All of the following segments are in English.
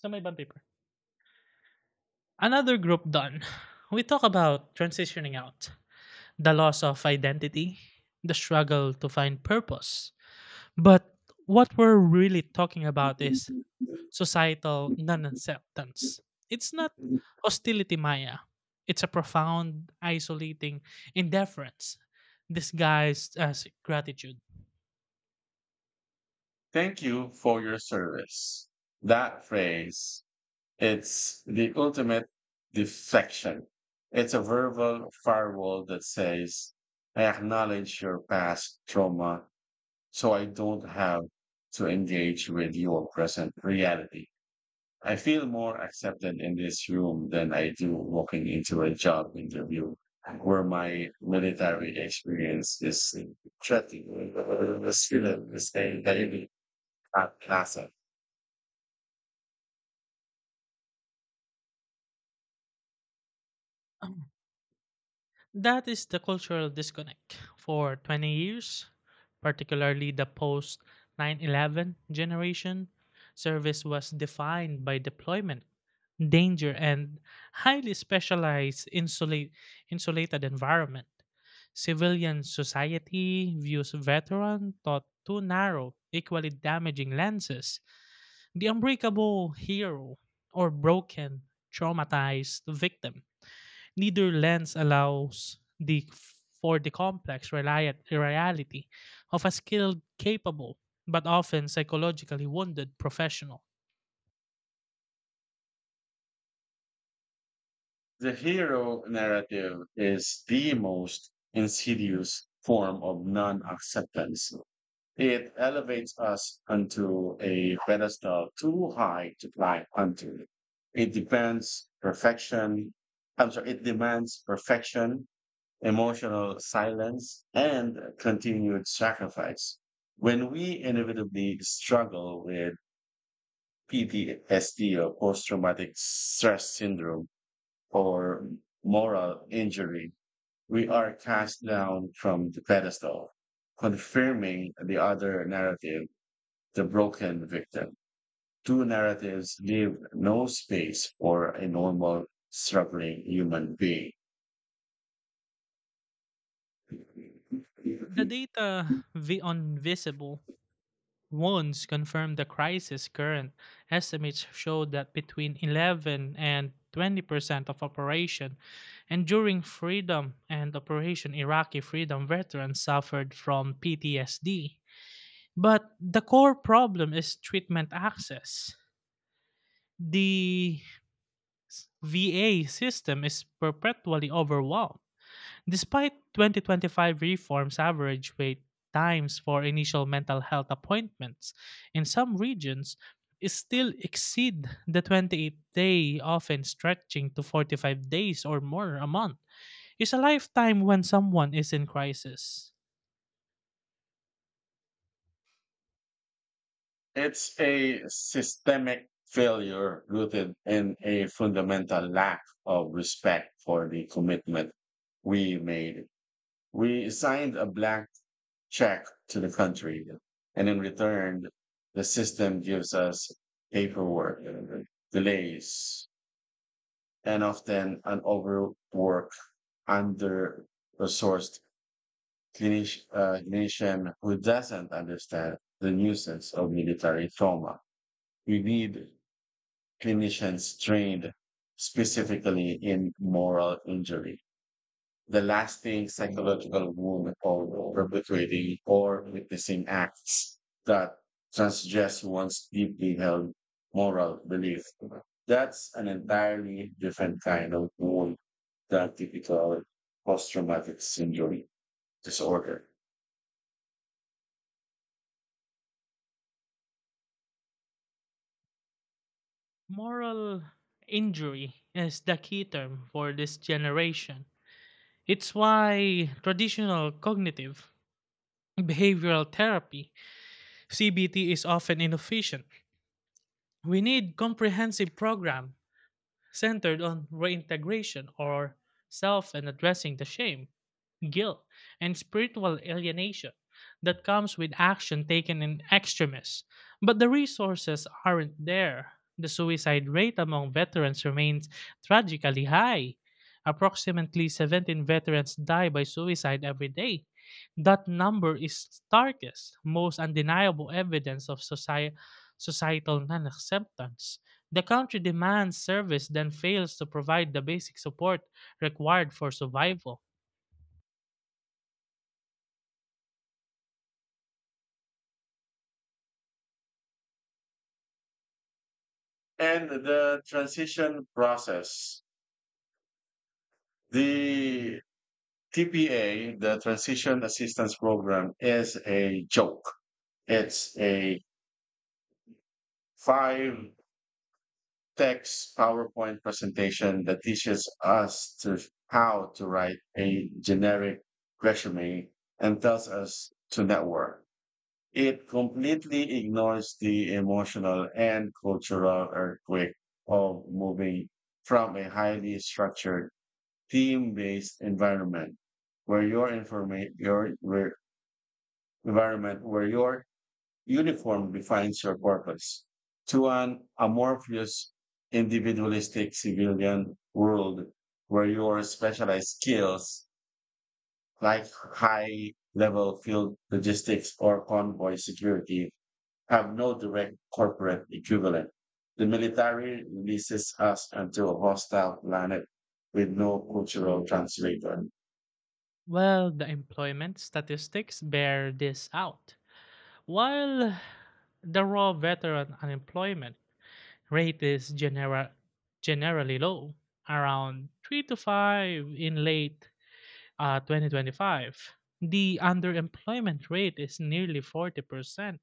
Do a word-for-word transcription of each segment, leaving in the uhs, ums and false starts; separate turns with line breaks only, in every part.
Sa may ibang paper. Another group done. We talk about transitioning out, the loss of identity, the struggle to find purpose. But what we're really talking about is societal non acceptance. It's not hostility, Maya. It's a profound, isolating indifference disguised as gratitude.
Thank you for your service. That phrase, it's the ultimate deflection. It's a verbal firewall that says, I acknowledge your past trauma so I don't have to engage with your present reality. I feel more accepted in this room than I do walking into a job interview where my military experience is threatened with the skill of the same daily at Plaza.
That is the cultural disconnect. For twenty years, particularly the post nine eleven generation, service was defined by deployment, danger, and highly specialized insulate, insulated environment. Civilian society views veteran thought too narrow, equally damaging lenses, the unbreakable hero or broken, traumatized victim. Neither lens allows the for the complex relia- reality of a skilled, capable, but often psychologically wounded professional.
The hero narrative is the most insidious form of non-acceptance. It elevates us onto a pedestal too high to climb onto. It depends perfection. I'm sorry, it demands perfection, emotional silence, and continued sacrifice. When we inevitably struggle with P T S D, or post traumatic stress syndrome, or moral injury, we are cast down from the pedestal, confirming the other narrative, the broken victim. Two narratives leave no space for a normal, struggling human being.
The data vi- on visible wounds confirm the crisis. Current estimates show that between eleven and twenty percent of Operation Enduring Freedom and Operation Iraqi Freedom veterans suffered from P T S D. But the core problem is treatment access. the V A system is perpetually overwhelmed. Despite twenty twenty-five reforms, average wait times for initial mental health appointments in some regions, it still exceed the twenty-eight day, often stretching to forty-five days or more a month. It's a lifetime when someone is in crisis.
It's a systemic failure rooted in a fundamental lack of respect for the commitment we made. We signed a blank check to the country, and in return, the system gives us paperwork, delays, and often an overworked, under resourced clinician uh, clinician who doesn't understand the nuisance of military trauma. We need clinicians trained specifically in moral injury, the lasting psychological wound of perpetrating or witnessing acts that transgress one's deeply held moral belief. That's an entirely different kind of wound than typical post-traumatic syndrome disorder.
Moral injury is the key term for this generation. It's why traditional cognitive behavioral therapy, C B T, is often inefficient. We need comprehensive program centered on reintegration or self and addressing the shame, guilt, and spiritual alienation that comes with action taken in extremis. But the resources aren't there. The suicide rate among veterans remains tragically high. Approximately seventeen veterans die by suicide every day. That number is starkest, most undeniable evidence of soci- societal non acceptance. The country demands service, then fails to provide the basic support required for survival.
And the transition process, the T P A, the Transition Assistance Program, is a joke. It's a five text PowerPoint presentation that teaches us to how to write a generic resume and tells us to network. It completely ignores the emotional and cultural earthquake of moving from a highly structured team-based environment where your information your environment where your uniform defines your purpose to an amorphous, individualistic civilian world where your specialized skills, like high level field logistics or convoy security, have no direct corporate equivalent. The military releases us onto a hostile planet with no cultural translator.
Well, the employment statistics bear this out. While the raw veteran unemployment rate is genera- generally low, around three to five in late uh, twenty twenty-five, the underemployment rate is nearly forty percent.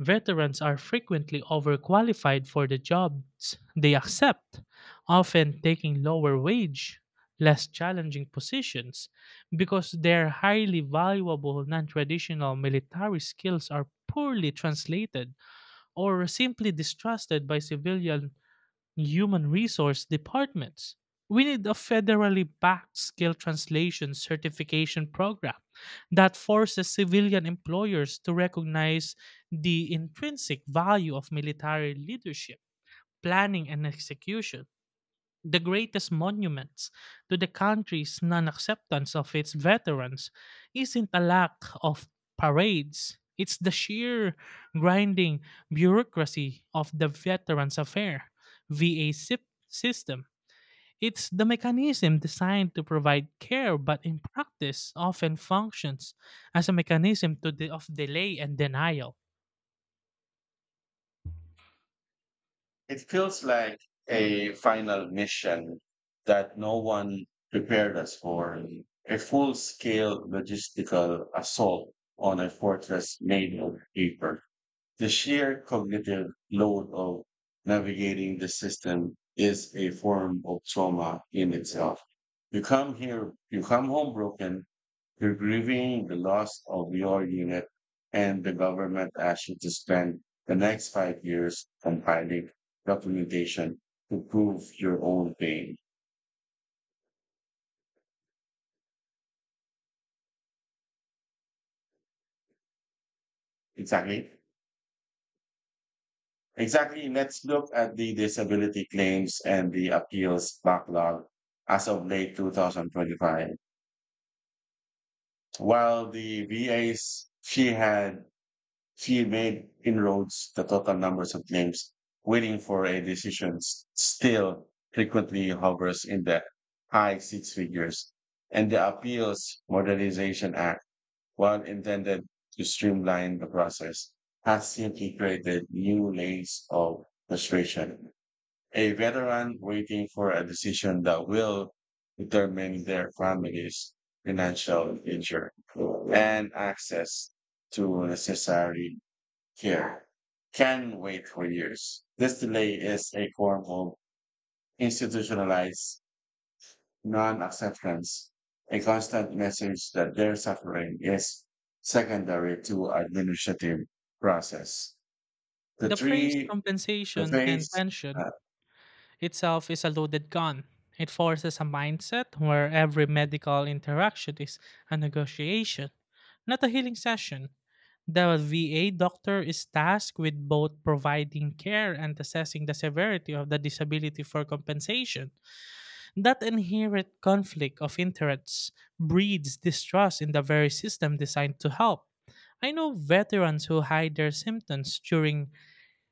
Veterans are frequently overqualified for the jobs they accept, often taking lower wage, less challenging positions because their highly valuable non-traditional military skills are poorly translated or simply distrusted by civilian human resource departments. We need a federally backed skill translation certification program that forces civilian employers to recognize the intrinsic value of military leadership, planning, and execution. The greatest monuments to the country's non acceptance of its veterans isn't a lack of parades, it's the sheer grinding bureaucracy of the Veterans Affair V A sip- system. It's the mechanism designed to provide care, but in practice often functions as a mechanism to de- of delay and denial.
It feels like a final mission that no one prepared us for. A full scale logistical assault on a fortress made of paper. The sheer cognitive load of navigating the system is a form of trauma in itself. You come here, you come home broken, you're grieving the loss of your unit, and the government asks you to spend the next five years compiling documentation to prove your own pain. Exactly. Exactly. Let's look at the disability claims and the appeals backlog as of late two thousand twenty-five. While the V As she had, she made inroads, the total numbers of claims waiting for a decision s- still frequently hovers in the high six figures. And the Appeals Modernization Act, while intended to streamline the process, has simply created new layers of frustration. A veteran waiting for a decision that will determine their family's financial future and access to necessary care can wait for years. This delay is a form of institutionalized non-acceptance, a constant message that their suffering is secondary to administrative process. The
The phrase
three, the
compensation
faith,
and pension itself is a loaded gun. It forces a mindset where every medical interaction is a negotiation, not a healing session. The V A doctor is tasked with both providing care and assessing the severity of the disability for compensation. That inherent conflict of interests breeds distrust in the very system designed to help. I know veterans who hide their symptoms during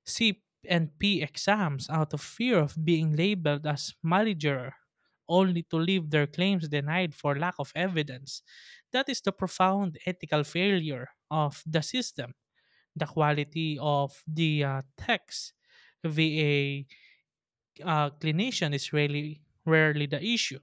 C and P exams out of fear of being labeled as malleager, only to leave their claims denied for lack of evidence. That is the profound ethical failure of the system. The quality of the uh, text via uh, clinician is really rarely the issue.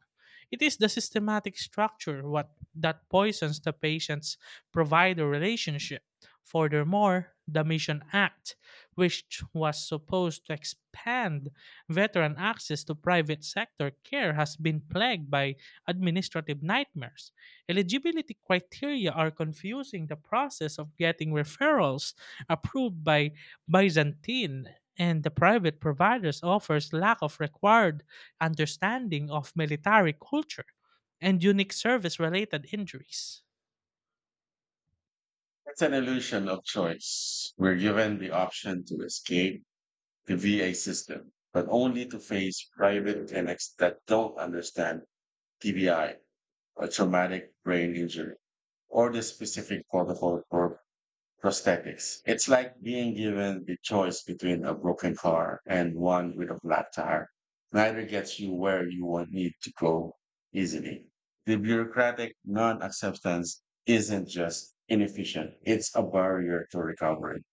It is the systematic structure what that poisons the patient's provider relationship. Furthermore, the Mission Act, which was supposed to expand veteran access to private sector care, has been plagued by administrative nightmares. Eligibility criteria are confusing, the process of getting referrals approved by Byzantine, and the private providers offers lack of required understanding of military culture and unique service related injuries.
it's an illusion of choice. We're given the option to escape the V A system, but only to face private clinics that don't understand T B I, a traumatic brain injury, or the specific protocol for prosthetics. It's like being given the choice between a broken car and one with a flat tire. Neither gets you where you will need to go easily. The bureaucratic non acceptance isn't just inefficient, it's a barrier to recovery.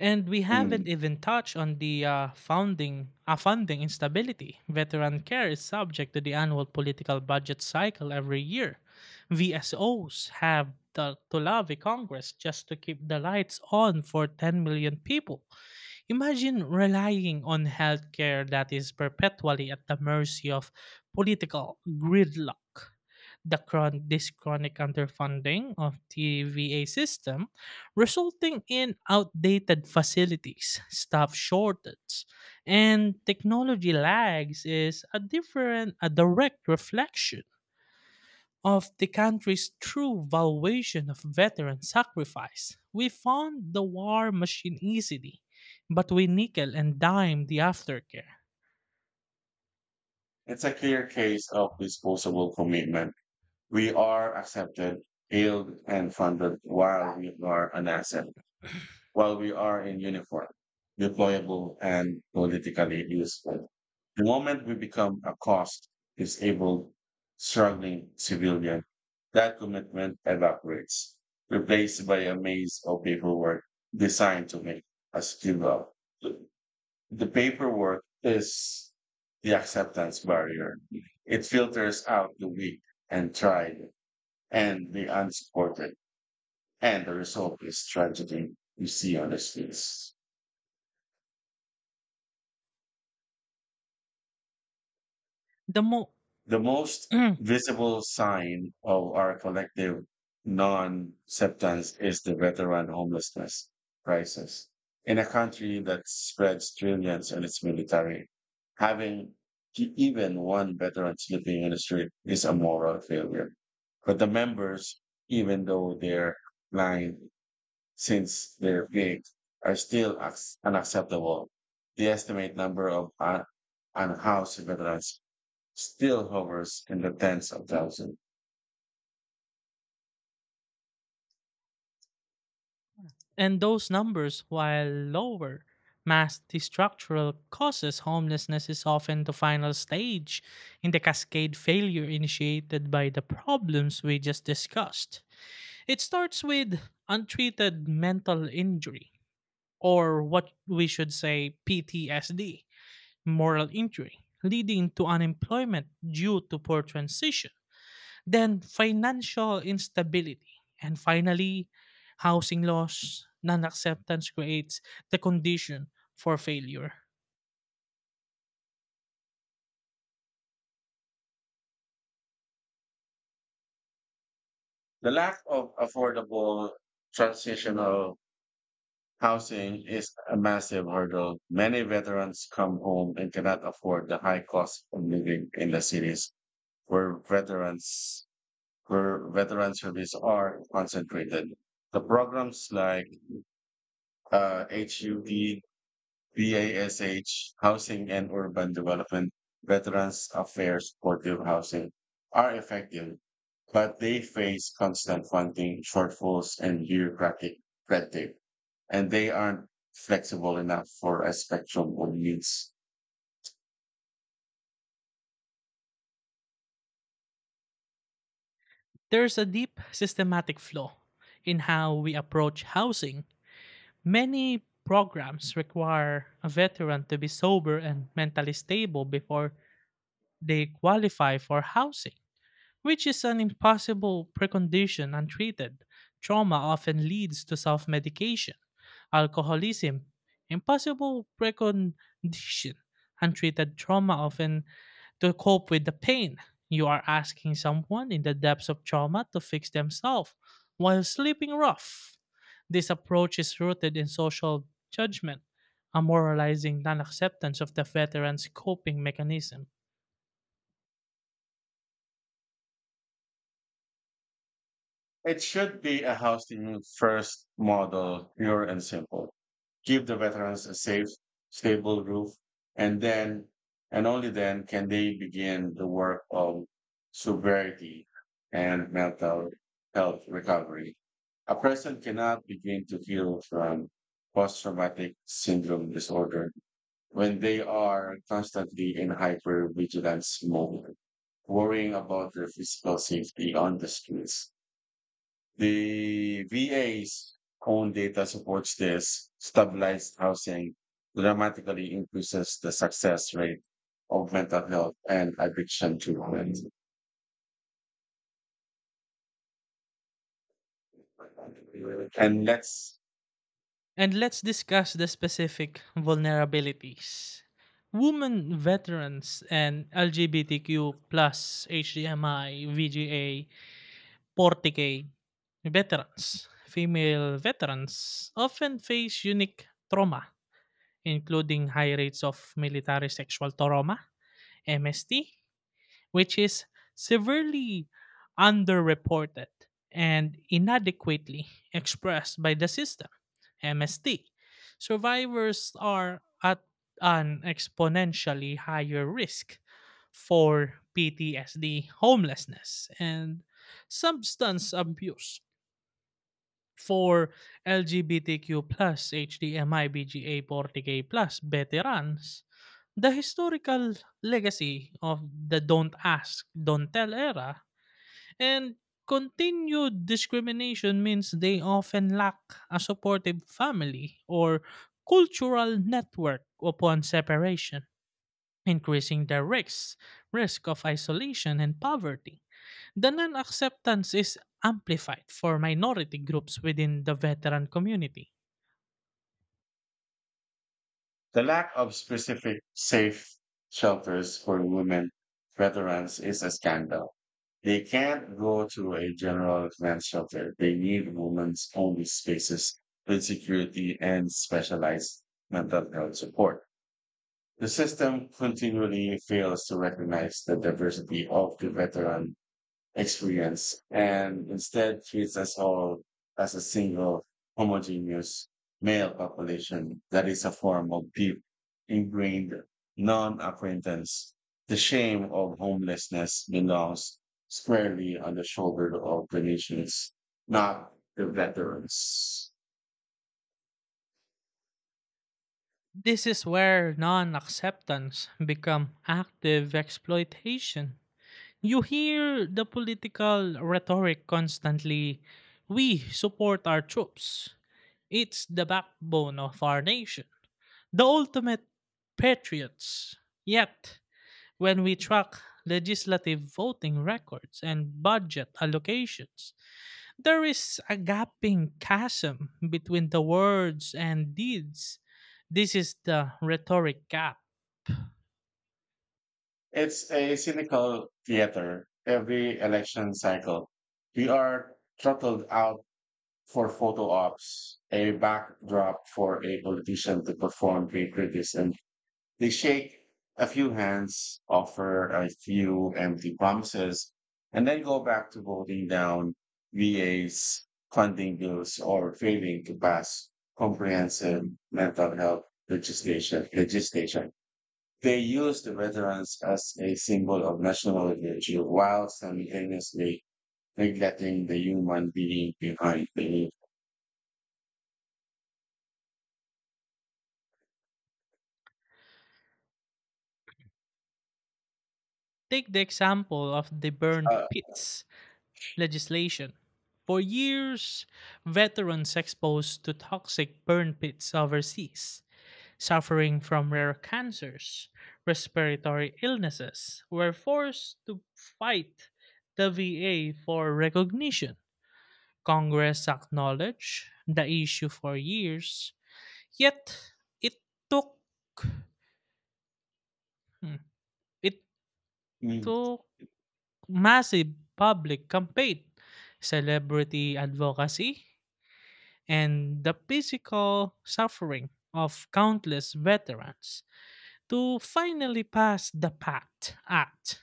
And we
Hmm.
haven't even touched on the uh, founding, uh, funding instability. Veteran care is subject to the annual political budget cycle every year. V S Os have to, to lobby Congress just to keep the lights on for 10 million people. Imagine relying on healthcare that is perpetually at the mercy of political gridlock. The chron- this chronic underfunding of the V A system, resulting in outdated facilities, staff shortage, and technology lags, is a different, a direct reflection of the country's true valuation of veteran sacrifice. We fund the war machine easily, but we nickel and dime the aftercare.
It's a clear case of disposable commitment. We are accepted, hailed, and funded while we are an asset, while we are in uniform, deployable, and politically useful. The moment we become a cost, disabled, struggling civilian, that commitment evaporates, replaced by a maze of paperwork designed to make us give up. The paperwork is the acceptance barrier. It filters out the weak and tried and the unsupported, and the result is tragedy you see on the streets.
The mo-
The most visible sign of our collective non-acceptance is the veteran homelessness crisis. In a country that spreads trillions in its military, having e- even one veteran sleeping in the street is a moral failure. But the members, even though they're blind since they're big, are still ac- unacceptable. The estimate number of un- unhoused veterans still hovers in the tens of thousands.
and those numbers, while lower, mask the structural causes. Homelessness is often the final stage in the cascade failure initiated by the problems we just discussed. It starts with untreated mental injury, or what we should say P T S D, moral injury, leading to unemployment due to poor transition, then financial instability, and finally, housing loss. Non acceptance creates the condition for failure.
The lack of affordable transitional housing is a massive hurdle. Many veterans come home and cannot afford the high cost of living in the cities where veterans where veteran service are concentrated. The programs like uh, HUD BASH, Housing and Urban Development, Veterans Affairs Supportive Housing, are effective, but they face constant funding shortfalls and bureaucratic red tape, and they aren't flexible enough for a spectrum of needs.
There's a deep systematic flaw in how we approach housing. Many programs require a veteran to be sober and mentally stable before they qualify for housing, which is an impossible precondition untreated. Trauma often leads to self medication. Alcoholism, impossible precondition. Untreated trauma often to cope with the pain. You are asking someone in the depths of trauma to fix themselves while sleeping rough. This approach is rooted in social judgment, a moralizing non acceptance of the veteran's coping mechanism.
It should be a housing first model, pure and simple. Give the veterans a safe, stable roof, and then, and only then, can they begin the work of sobriety and mental health recovery. A person cannot begin to heal from post traumatic syndrome disorder when they are constantly in hypervigilance mode, worrying about their physical safety on the streets. The V A's own data supports this. Stabilized housing dramatically increases the success rate of mental health and addiction treatment. And that's
And let's discuss the specific vulnerabilities. Women veterans and L G B T Q plus H D M I, V G A, forty K veterans, female veterans often face unique trauma, including high rates of military sexual trauma, M S T, which is severely underreported and inadequately expressed by the system, M S T. Survivors are at an exponentially higher risk for P T S D, homelessness, and substance abuse. For L G B T Q plus HDMIBGA, forty K plus veterans, the historical legacy of the "don't ask, don't tell" era and continued discrimination means they often lack a supportive family or cultural network upon separation, increasing their risks, risk of isolation and poverty. The non acceptance is amplified for minority groups within the veteran community.
the lack of specific safe shelters for women veterans is a scandal. They can't go to a general men's shelter. They need women's only spaces with security and specialized mental health support. The system continually fails to recognize the diversity of the veteran experience and instead treats us all as a single homogeneous male population. That is a form of deep ingrained non-acquaintance. The shame of homelessness belongs squarely on the shoulder of the nations, not the veterans.
This is where non acceptance become active exploitation. You hear the political rhetoric constantly: we support our troops, it's the backbone of our nation, the ultimate patriots. Yet when we track legislative voting records and budget allocations, there is a gaping chasm between the words and deeds. This is the rhetoric gap.
It's a cynical theater. Every election cycle, we are throttled out for photo ops, a backdrop for a politician to perform great criticism. They shake a few hands, offer a few empty promises, and then go back to voting down V As, funding bills, or failing to pass comprehensive mental health legislation. legislation. They used the veterans as a symbol of national virtue while simultaneously neglecting the human being behind the
Take the example of the burn
uh,
pits legislation. For years, veterans exposed to toxic burn pits overseas, suffering from rare cancers, respiratory illnesses, were forced to fight the V A for recognition. Congress acknowledged the issue for years, yet it took hmm, it
mm.
took massive public campaign, celebrity advocacy, and the physical suffering of countless veterans to finally pass the PACT Act.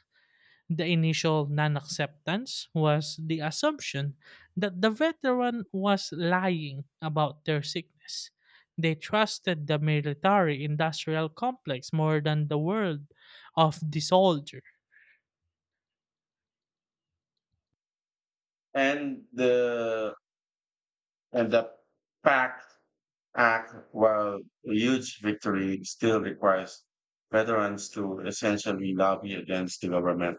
The initial non acceptance was the assumption that the veteran was lying about their sickness. They trusted the military industrial complex more than the world of the soldier.
and the and the pact act, while a huge victory, still requires veterans to essentially lobby against the government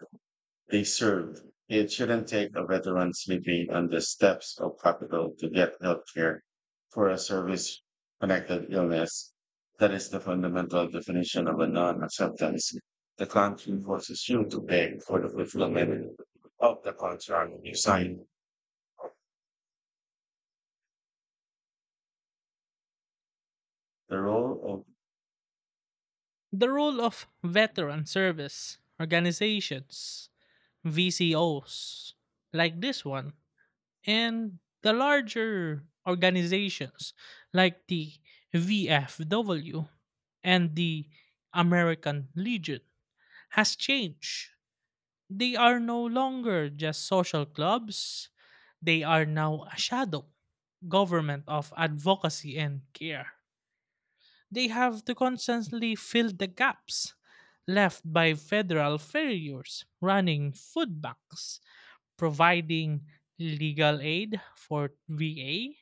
they serve. It shouldn't take a veteran sleeping on the steps of Capitol to get health care for a service connected illness. That is the fundamental definition of a non acceptance. The country forces you to pay for the fulfillment of the contract you sign. The role of
The role of veteran service organizations, V C Os, like this one, and the larger organizations like the V F W and the American Legion has changed. They are no longer just social clubs, they are now a shadow government of advocacy and care. They have to constantly fill the gaps left by federal failures, running food banks, providing legal aid for V A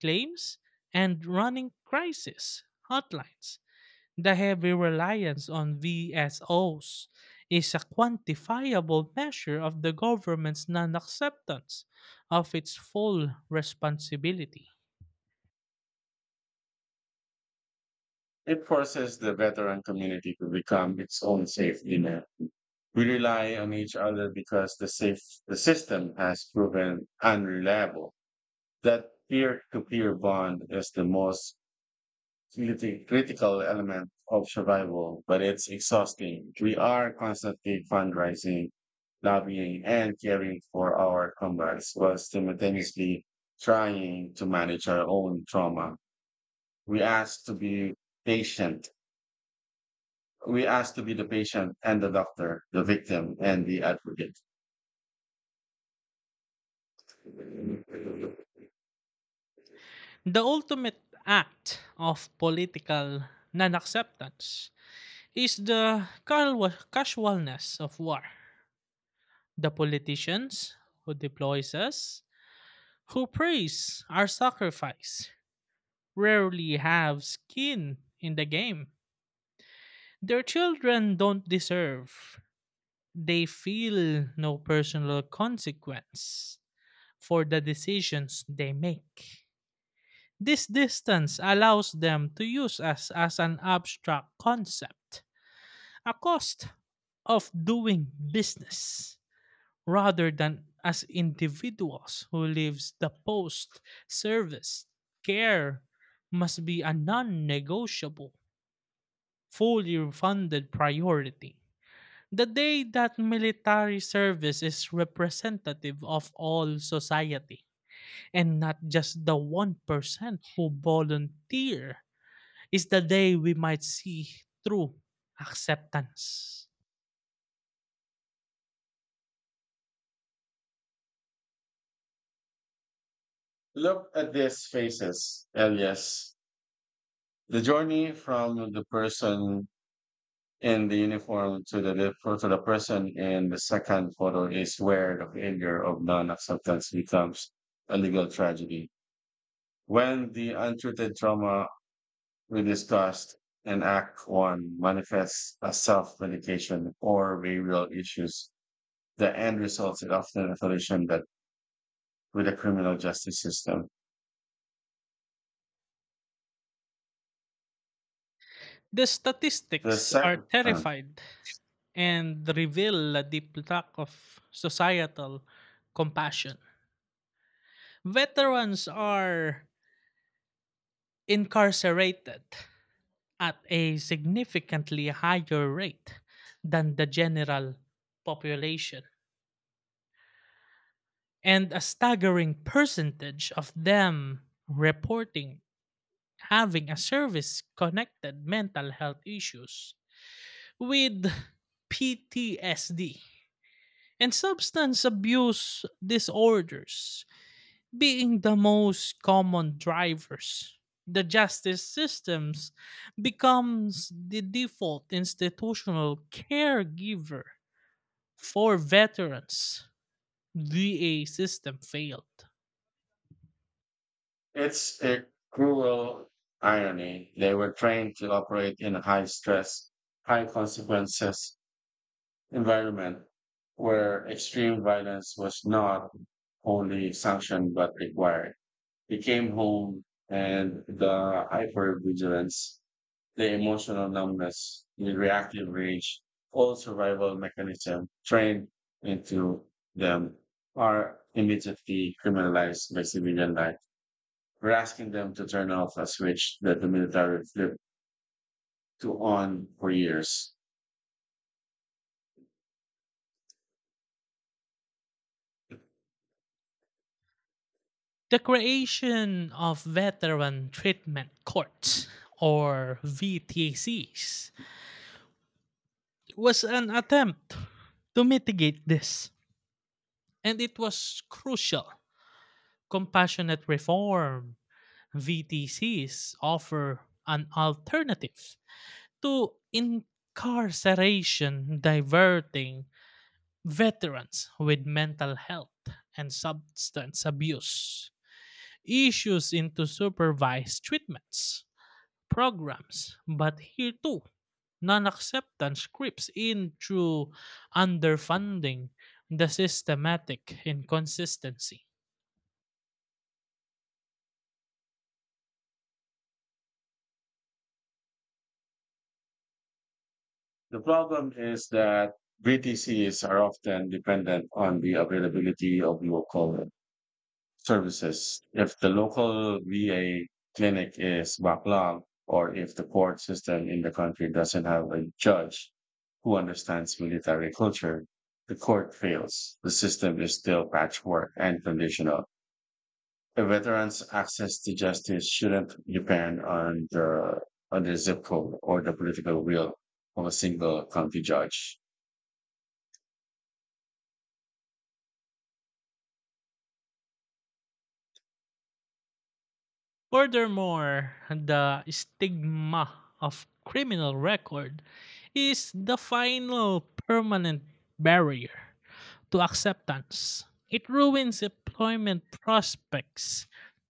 claims, and running crisis hotlines. The heavy reliance on V S Os is a quantifiable measure of the government's non acceptance of its full responsibility.
it forces the veteran community to become its own safety net. We rely on each other because the safe the system has proven unreliable. That peer to peer bond is the most criti- critical element of survival, but it's exhausting. We are constantly fundraising, lobbying, and caring for our comrades while simultaneously trying to manage our own trauma. We ask to be patient. We ask to be the patient and the doctor, the victim and the advocate.
The ultimate act of political non acceptance is the cal- casualness of war. The politicians who deploys us, who praise our sacrifice, rarely have skin in the game. Their children don't deserve. They feel no personal consequence for the decisions they make. This distance allows them to use us as an abstract concept, a cost of doing business, rather than as individuals who lives. The post service care must be a non-negotiable, fully funded priority. The day that military service is representative of all society and not just the one percent who volunteer is the day we might see true acceptance.
Look at these faces, Elias. The journey from the person in the uniform to the for- to the person in the second photo is where the failure of non-acceptance becomes a legal tragedy. When the untreated trauma we discussed in Act One manifests as self-medication or behavioral issues, the end result is often affiliation that with the criminal justice system.
The
The
statistics are
second, uh,
terrified and reveal a deep lack of societal compassion. Veterans are incarcerated at a significantly higher rate than the general population, and a staggering percentage of them reporting having a service connected mental health issues, with P T S D and substance abuse disorders being the most common drivers. The justice systems becomes the default institutional caregiver for veterans the A system failed.
it's a cruel irony. They were trained to operate in high stress, high consequences environment where extreme violence was not only sanctioned but required. He came home and the hypervigilance, the emotional numbness, the reactive rage, all survival mechanisms trained into them are immediately criminalized by civilian life. We're asking them to turn off a switch that the military flipped to on for years.
The creation of veteran treatment courts, or V T Cs, was an attempt to mitigate this, and it was crucial. Compassionate reform, V T Cs, offer an alternative to incarceration, diverting veterans with mental health and substance abuse issues into supervised treatments programs. But here too, non-acceptance creeps in through underfunding, the systematic inconsistency.
The problem is that V T Cs are often dependent on the availability of local services. If the local V A clinic is backlogged, or if the court system in the country doesn't have a judge who understands military culture, the court fails. The system is still patchwork and conditional. A veteran's access to justice shouldn't depend on the on the zip code or the political will of a single county judge.
Furthermore, the stigma of criminal record is the final permanent barrier to acceptance. It ruins employment prospects,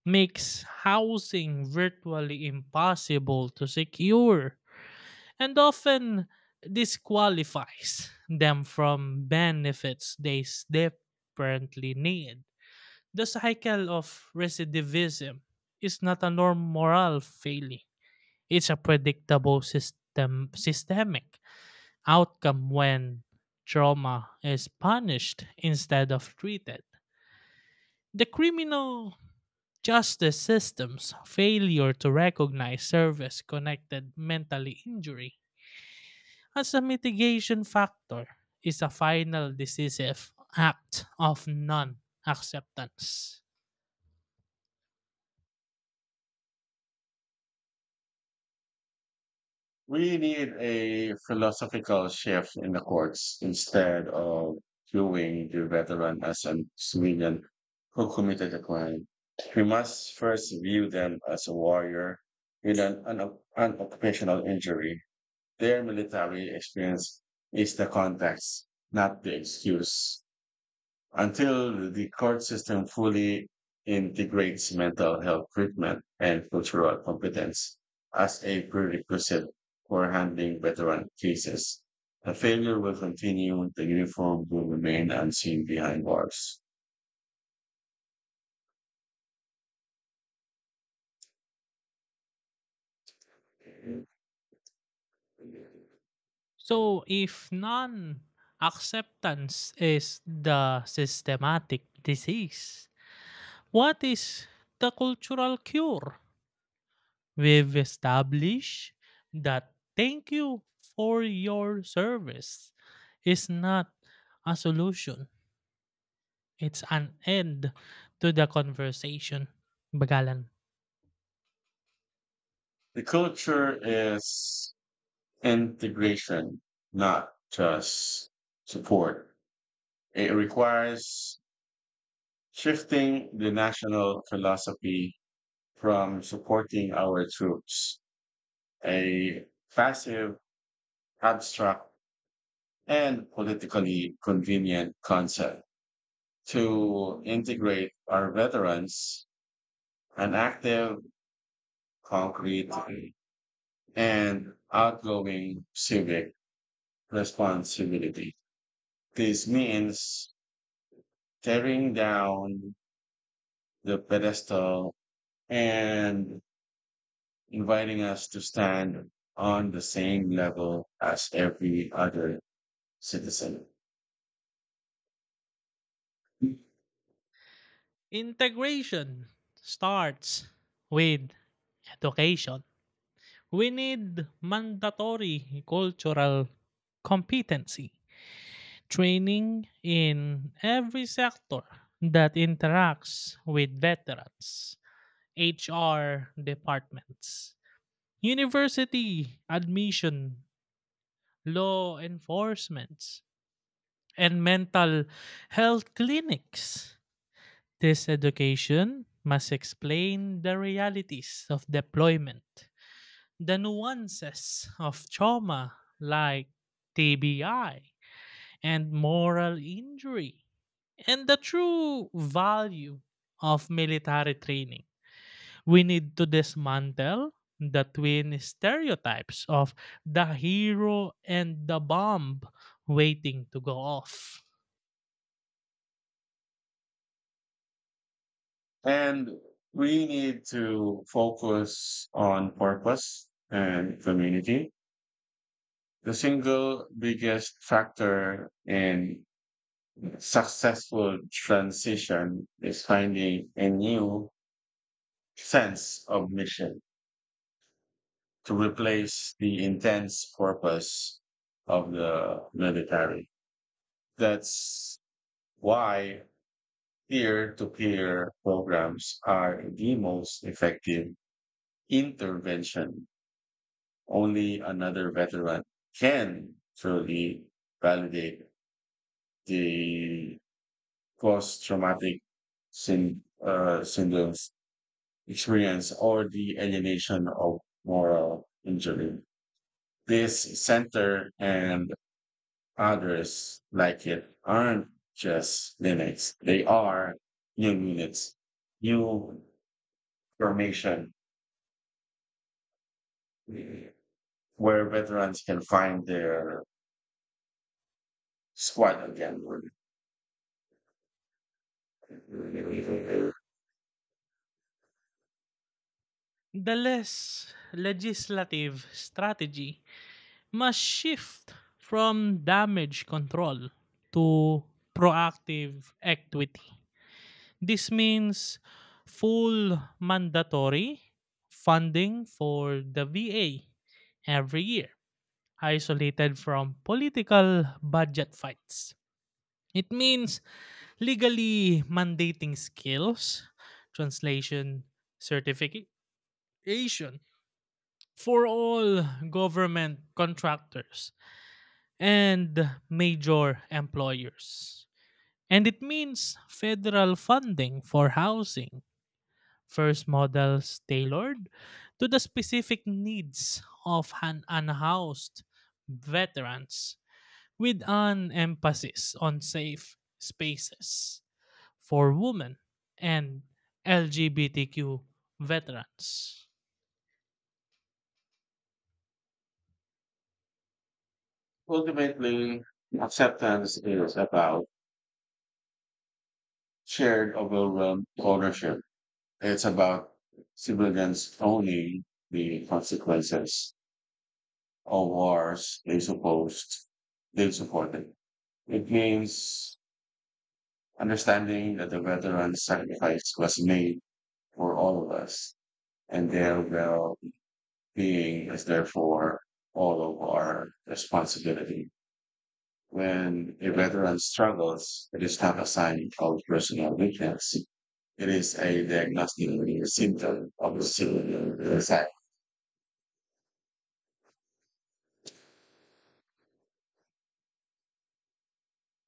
makes housing virtually impossible to secure, and often disqualifies them from benefits they desperately need. The cycle of recidivism is not a norm moral failing. It's a predictable system systemic outcome when trauma is punished instead of treated. The criminal justice system's failure to recognize service connected mental injury as a mitigation factor is a final decisive act of non acceptance.
We need a philosophical shift in the courts instead of viewing the veteran as a civilian who committed a crime. We must first view them as a warrior with an, an, an occupational injury. Their military experience is the context, not the excuse until the court system fully integrates mental health treatment and cultural competence as a prerequisite for handling veteran cases. The failure will continue, the uniform will remain unseen behind bars.
So, if non acceptance is the systematic disease, what is the cultural cure? We've established that thank you for your service is not a solution, it's an end to the conversation. Bagalan.
The culture is integration, not just support. It requires shifting the national philosophy from supporting our troops, a passive, abstract, and politically convenient concept, to integrate our veterans, an active, concrete, and outgoing civic responsibility. This means tearing down the pedestal and inviting us to stand on the same level as every other citizen.
Integration starts with education. We need mandatory cultural competency training in every sector that interacts with veterans: H R departments, university admission, law enforcement, and mental health clinics. This education must explain the realities of deployment, the nuances of trauma like T B I and moral injury, and the true value of military training. We need to dismantle the twin stereotypes of the hero and the bomb waiting to go off.
And we need to focus on purpose and community. The single biggest factor in successful transition is finding a new sense of mission to replace the intense purpose of the military. That's why peer to peer programs are the most effective intervention. Only another veteran can truly validate the post-traumatic syn- uh, syndrome's experience or the alienation of moral injury. This center and others like it aren't just clinics; they are new units, new formation where veterans can find their squad again.
The less legislative strategy must shift from damage control to proactive equity. This means full mandatory funding for the V A every year, isolated from political budget fights. It means legally mandating skills, translation, certification for all government contractors and major employers. And it means federal funding for housing, first models tailored to the specific needs of un- unhoused veterans, with an emphasis on safe spaces for women and L G B T Q veterans.
Ultimately, acceptance is about shared overwhelm ownership. It's about civilians owning the consequences of wars they supposed they supported. It means understanding that the veteran's sacrifice was made for all of us, and their well being is therefore all of our responsibility. When a veteran struggles, it is not a sign of personal weakness. It is a diagnostic symptom of a civil society.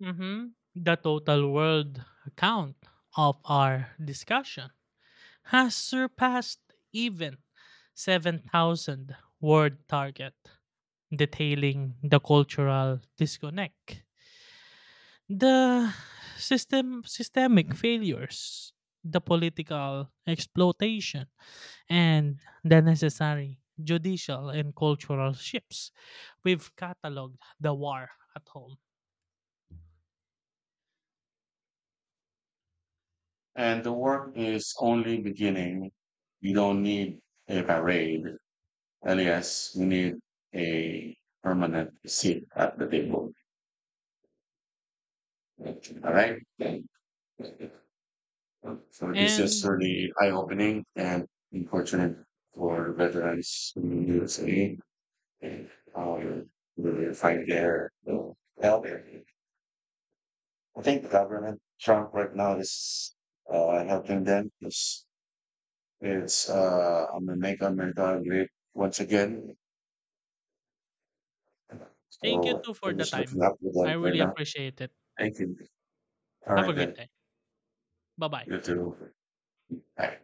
Mhm. The total world count of our discussion has surpassed even seven thousand word target, detailing the cultural disconnect, the system systemic failures, the political exploitation, and the necessary judicial and cultural shifts. We've cataloged the war at home.
And the work is only beginning. We don't need a parade. Alias, we need a permanent seat at the table. All right. So this is
And
really eye opening and unfortunate for veterans in the U S A. um, Really fight there. So, help. I think the government, Trump right now is uh, helping them. It's, it's uh, I'm gonna make America great once again.
thank you
So
too for
I'm
the
just
time.
looking up with
I
them right
really
now.
appreciate it.
Thank you. All
Have a
right,
great
then.
day. Bye bye.
You too. Bye.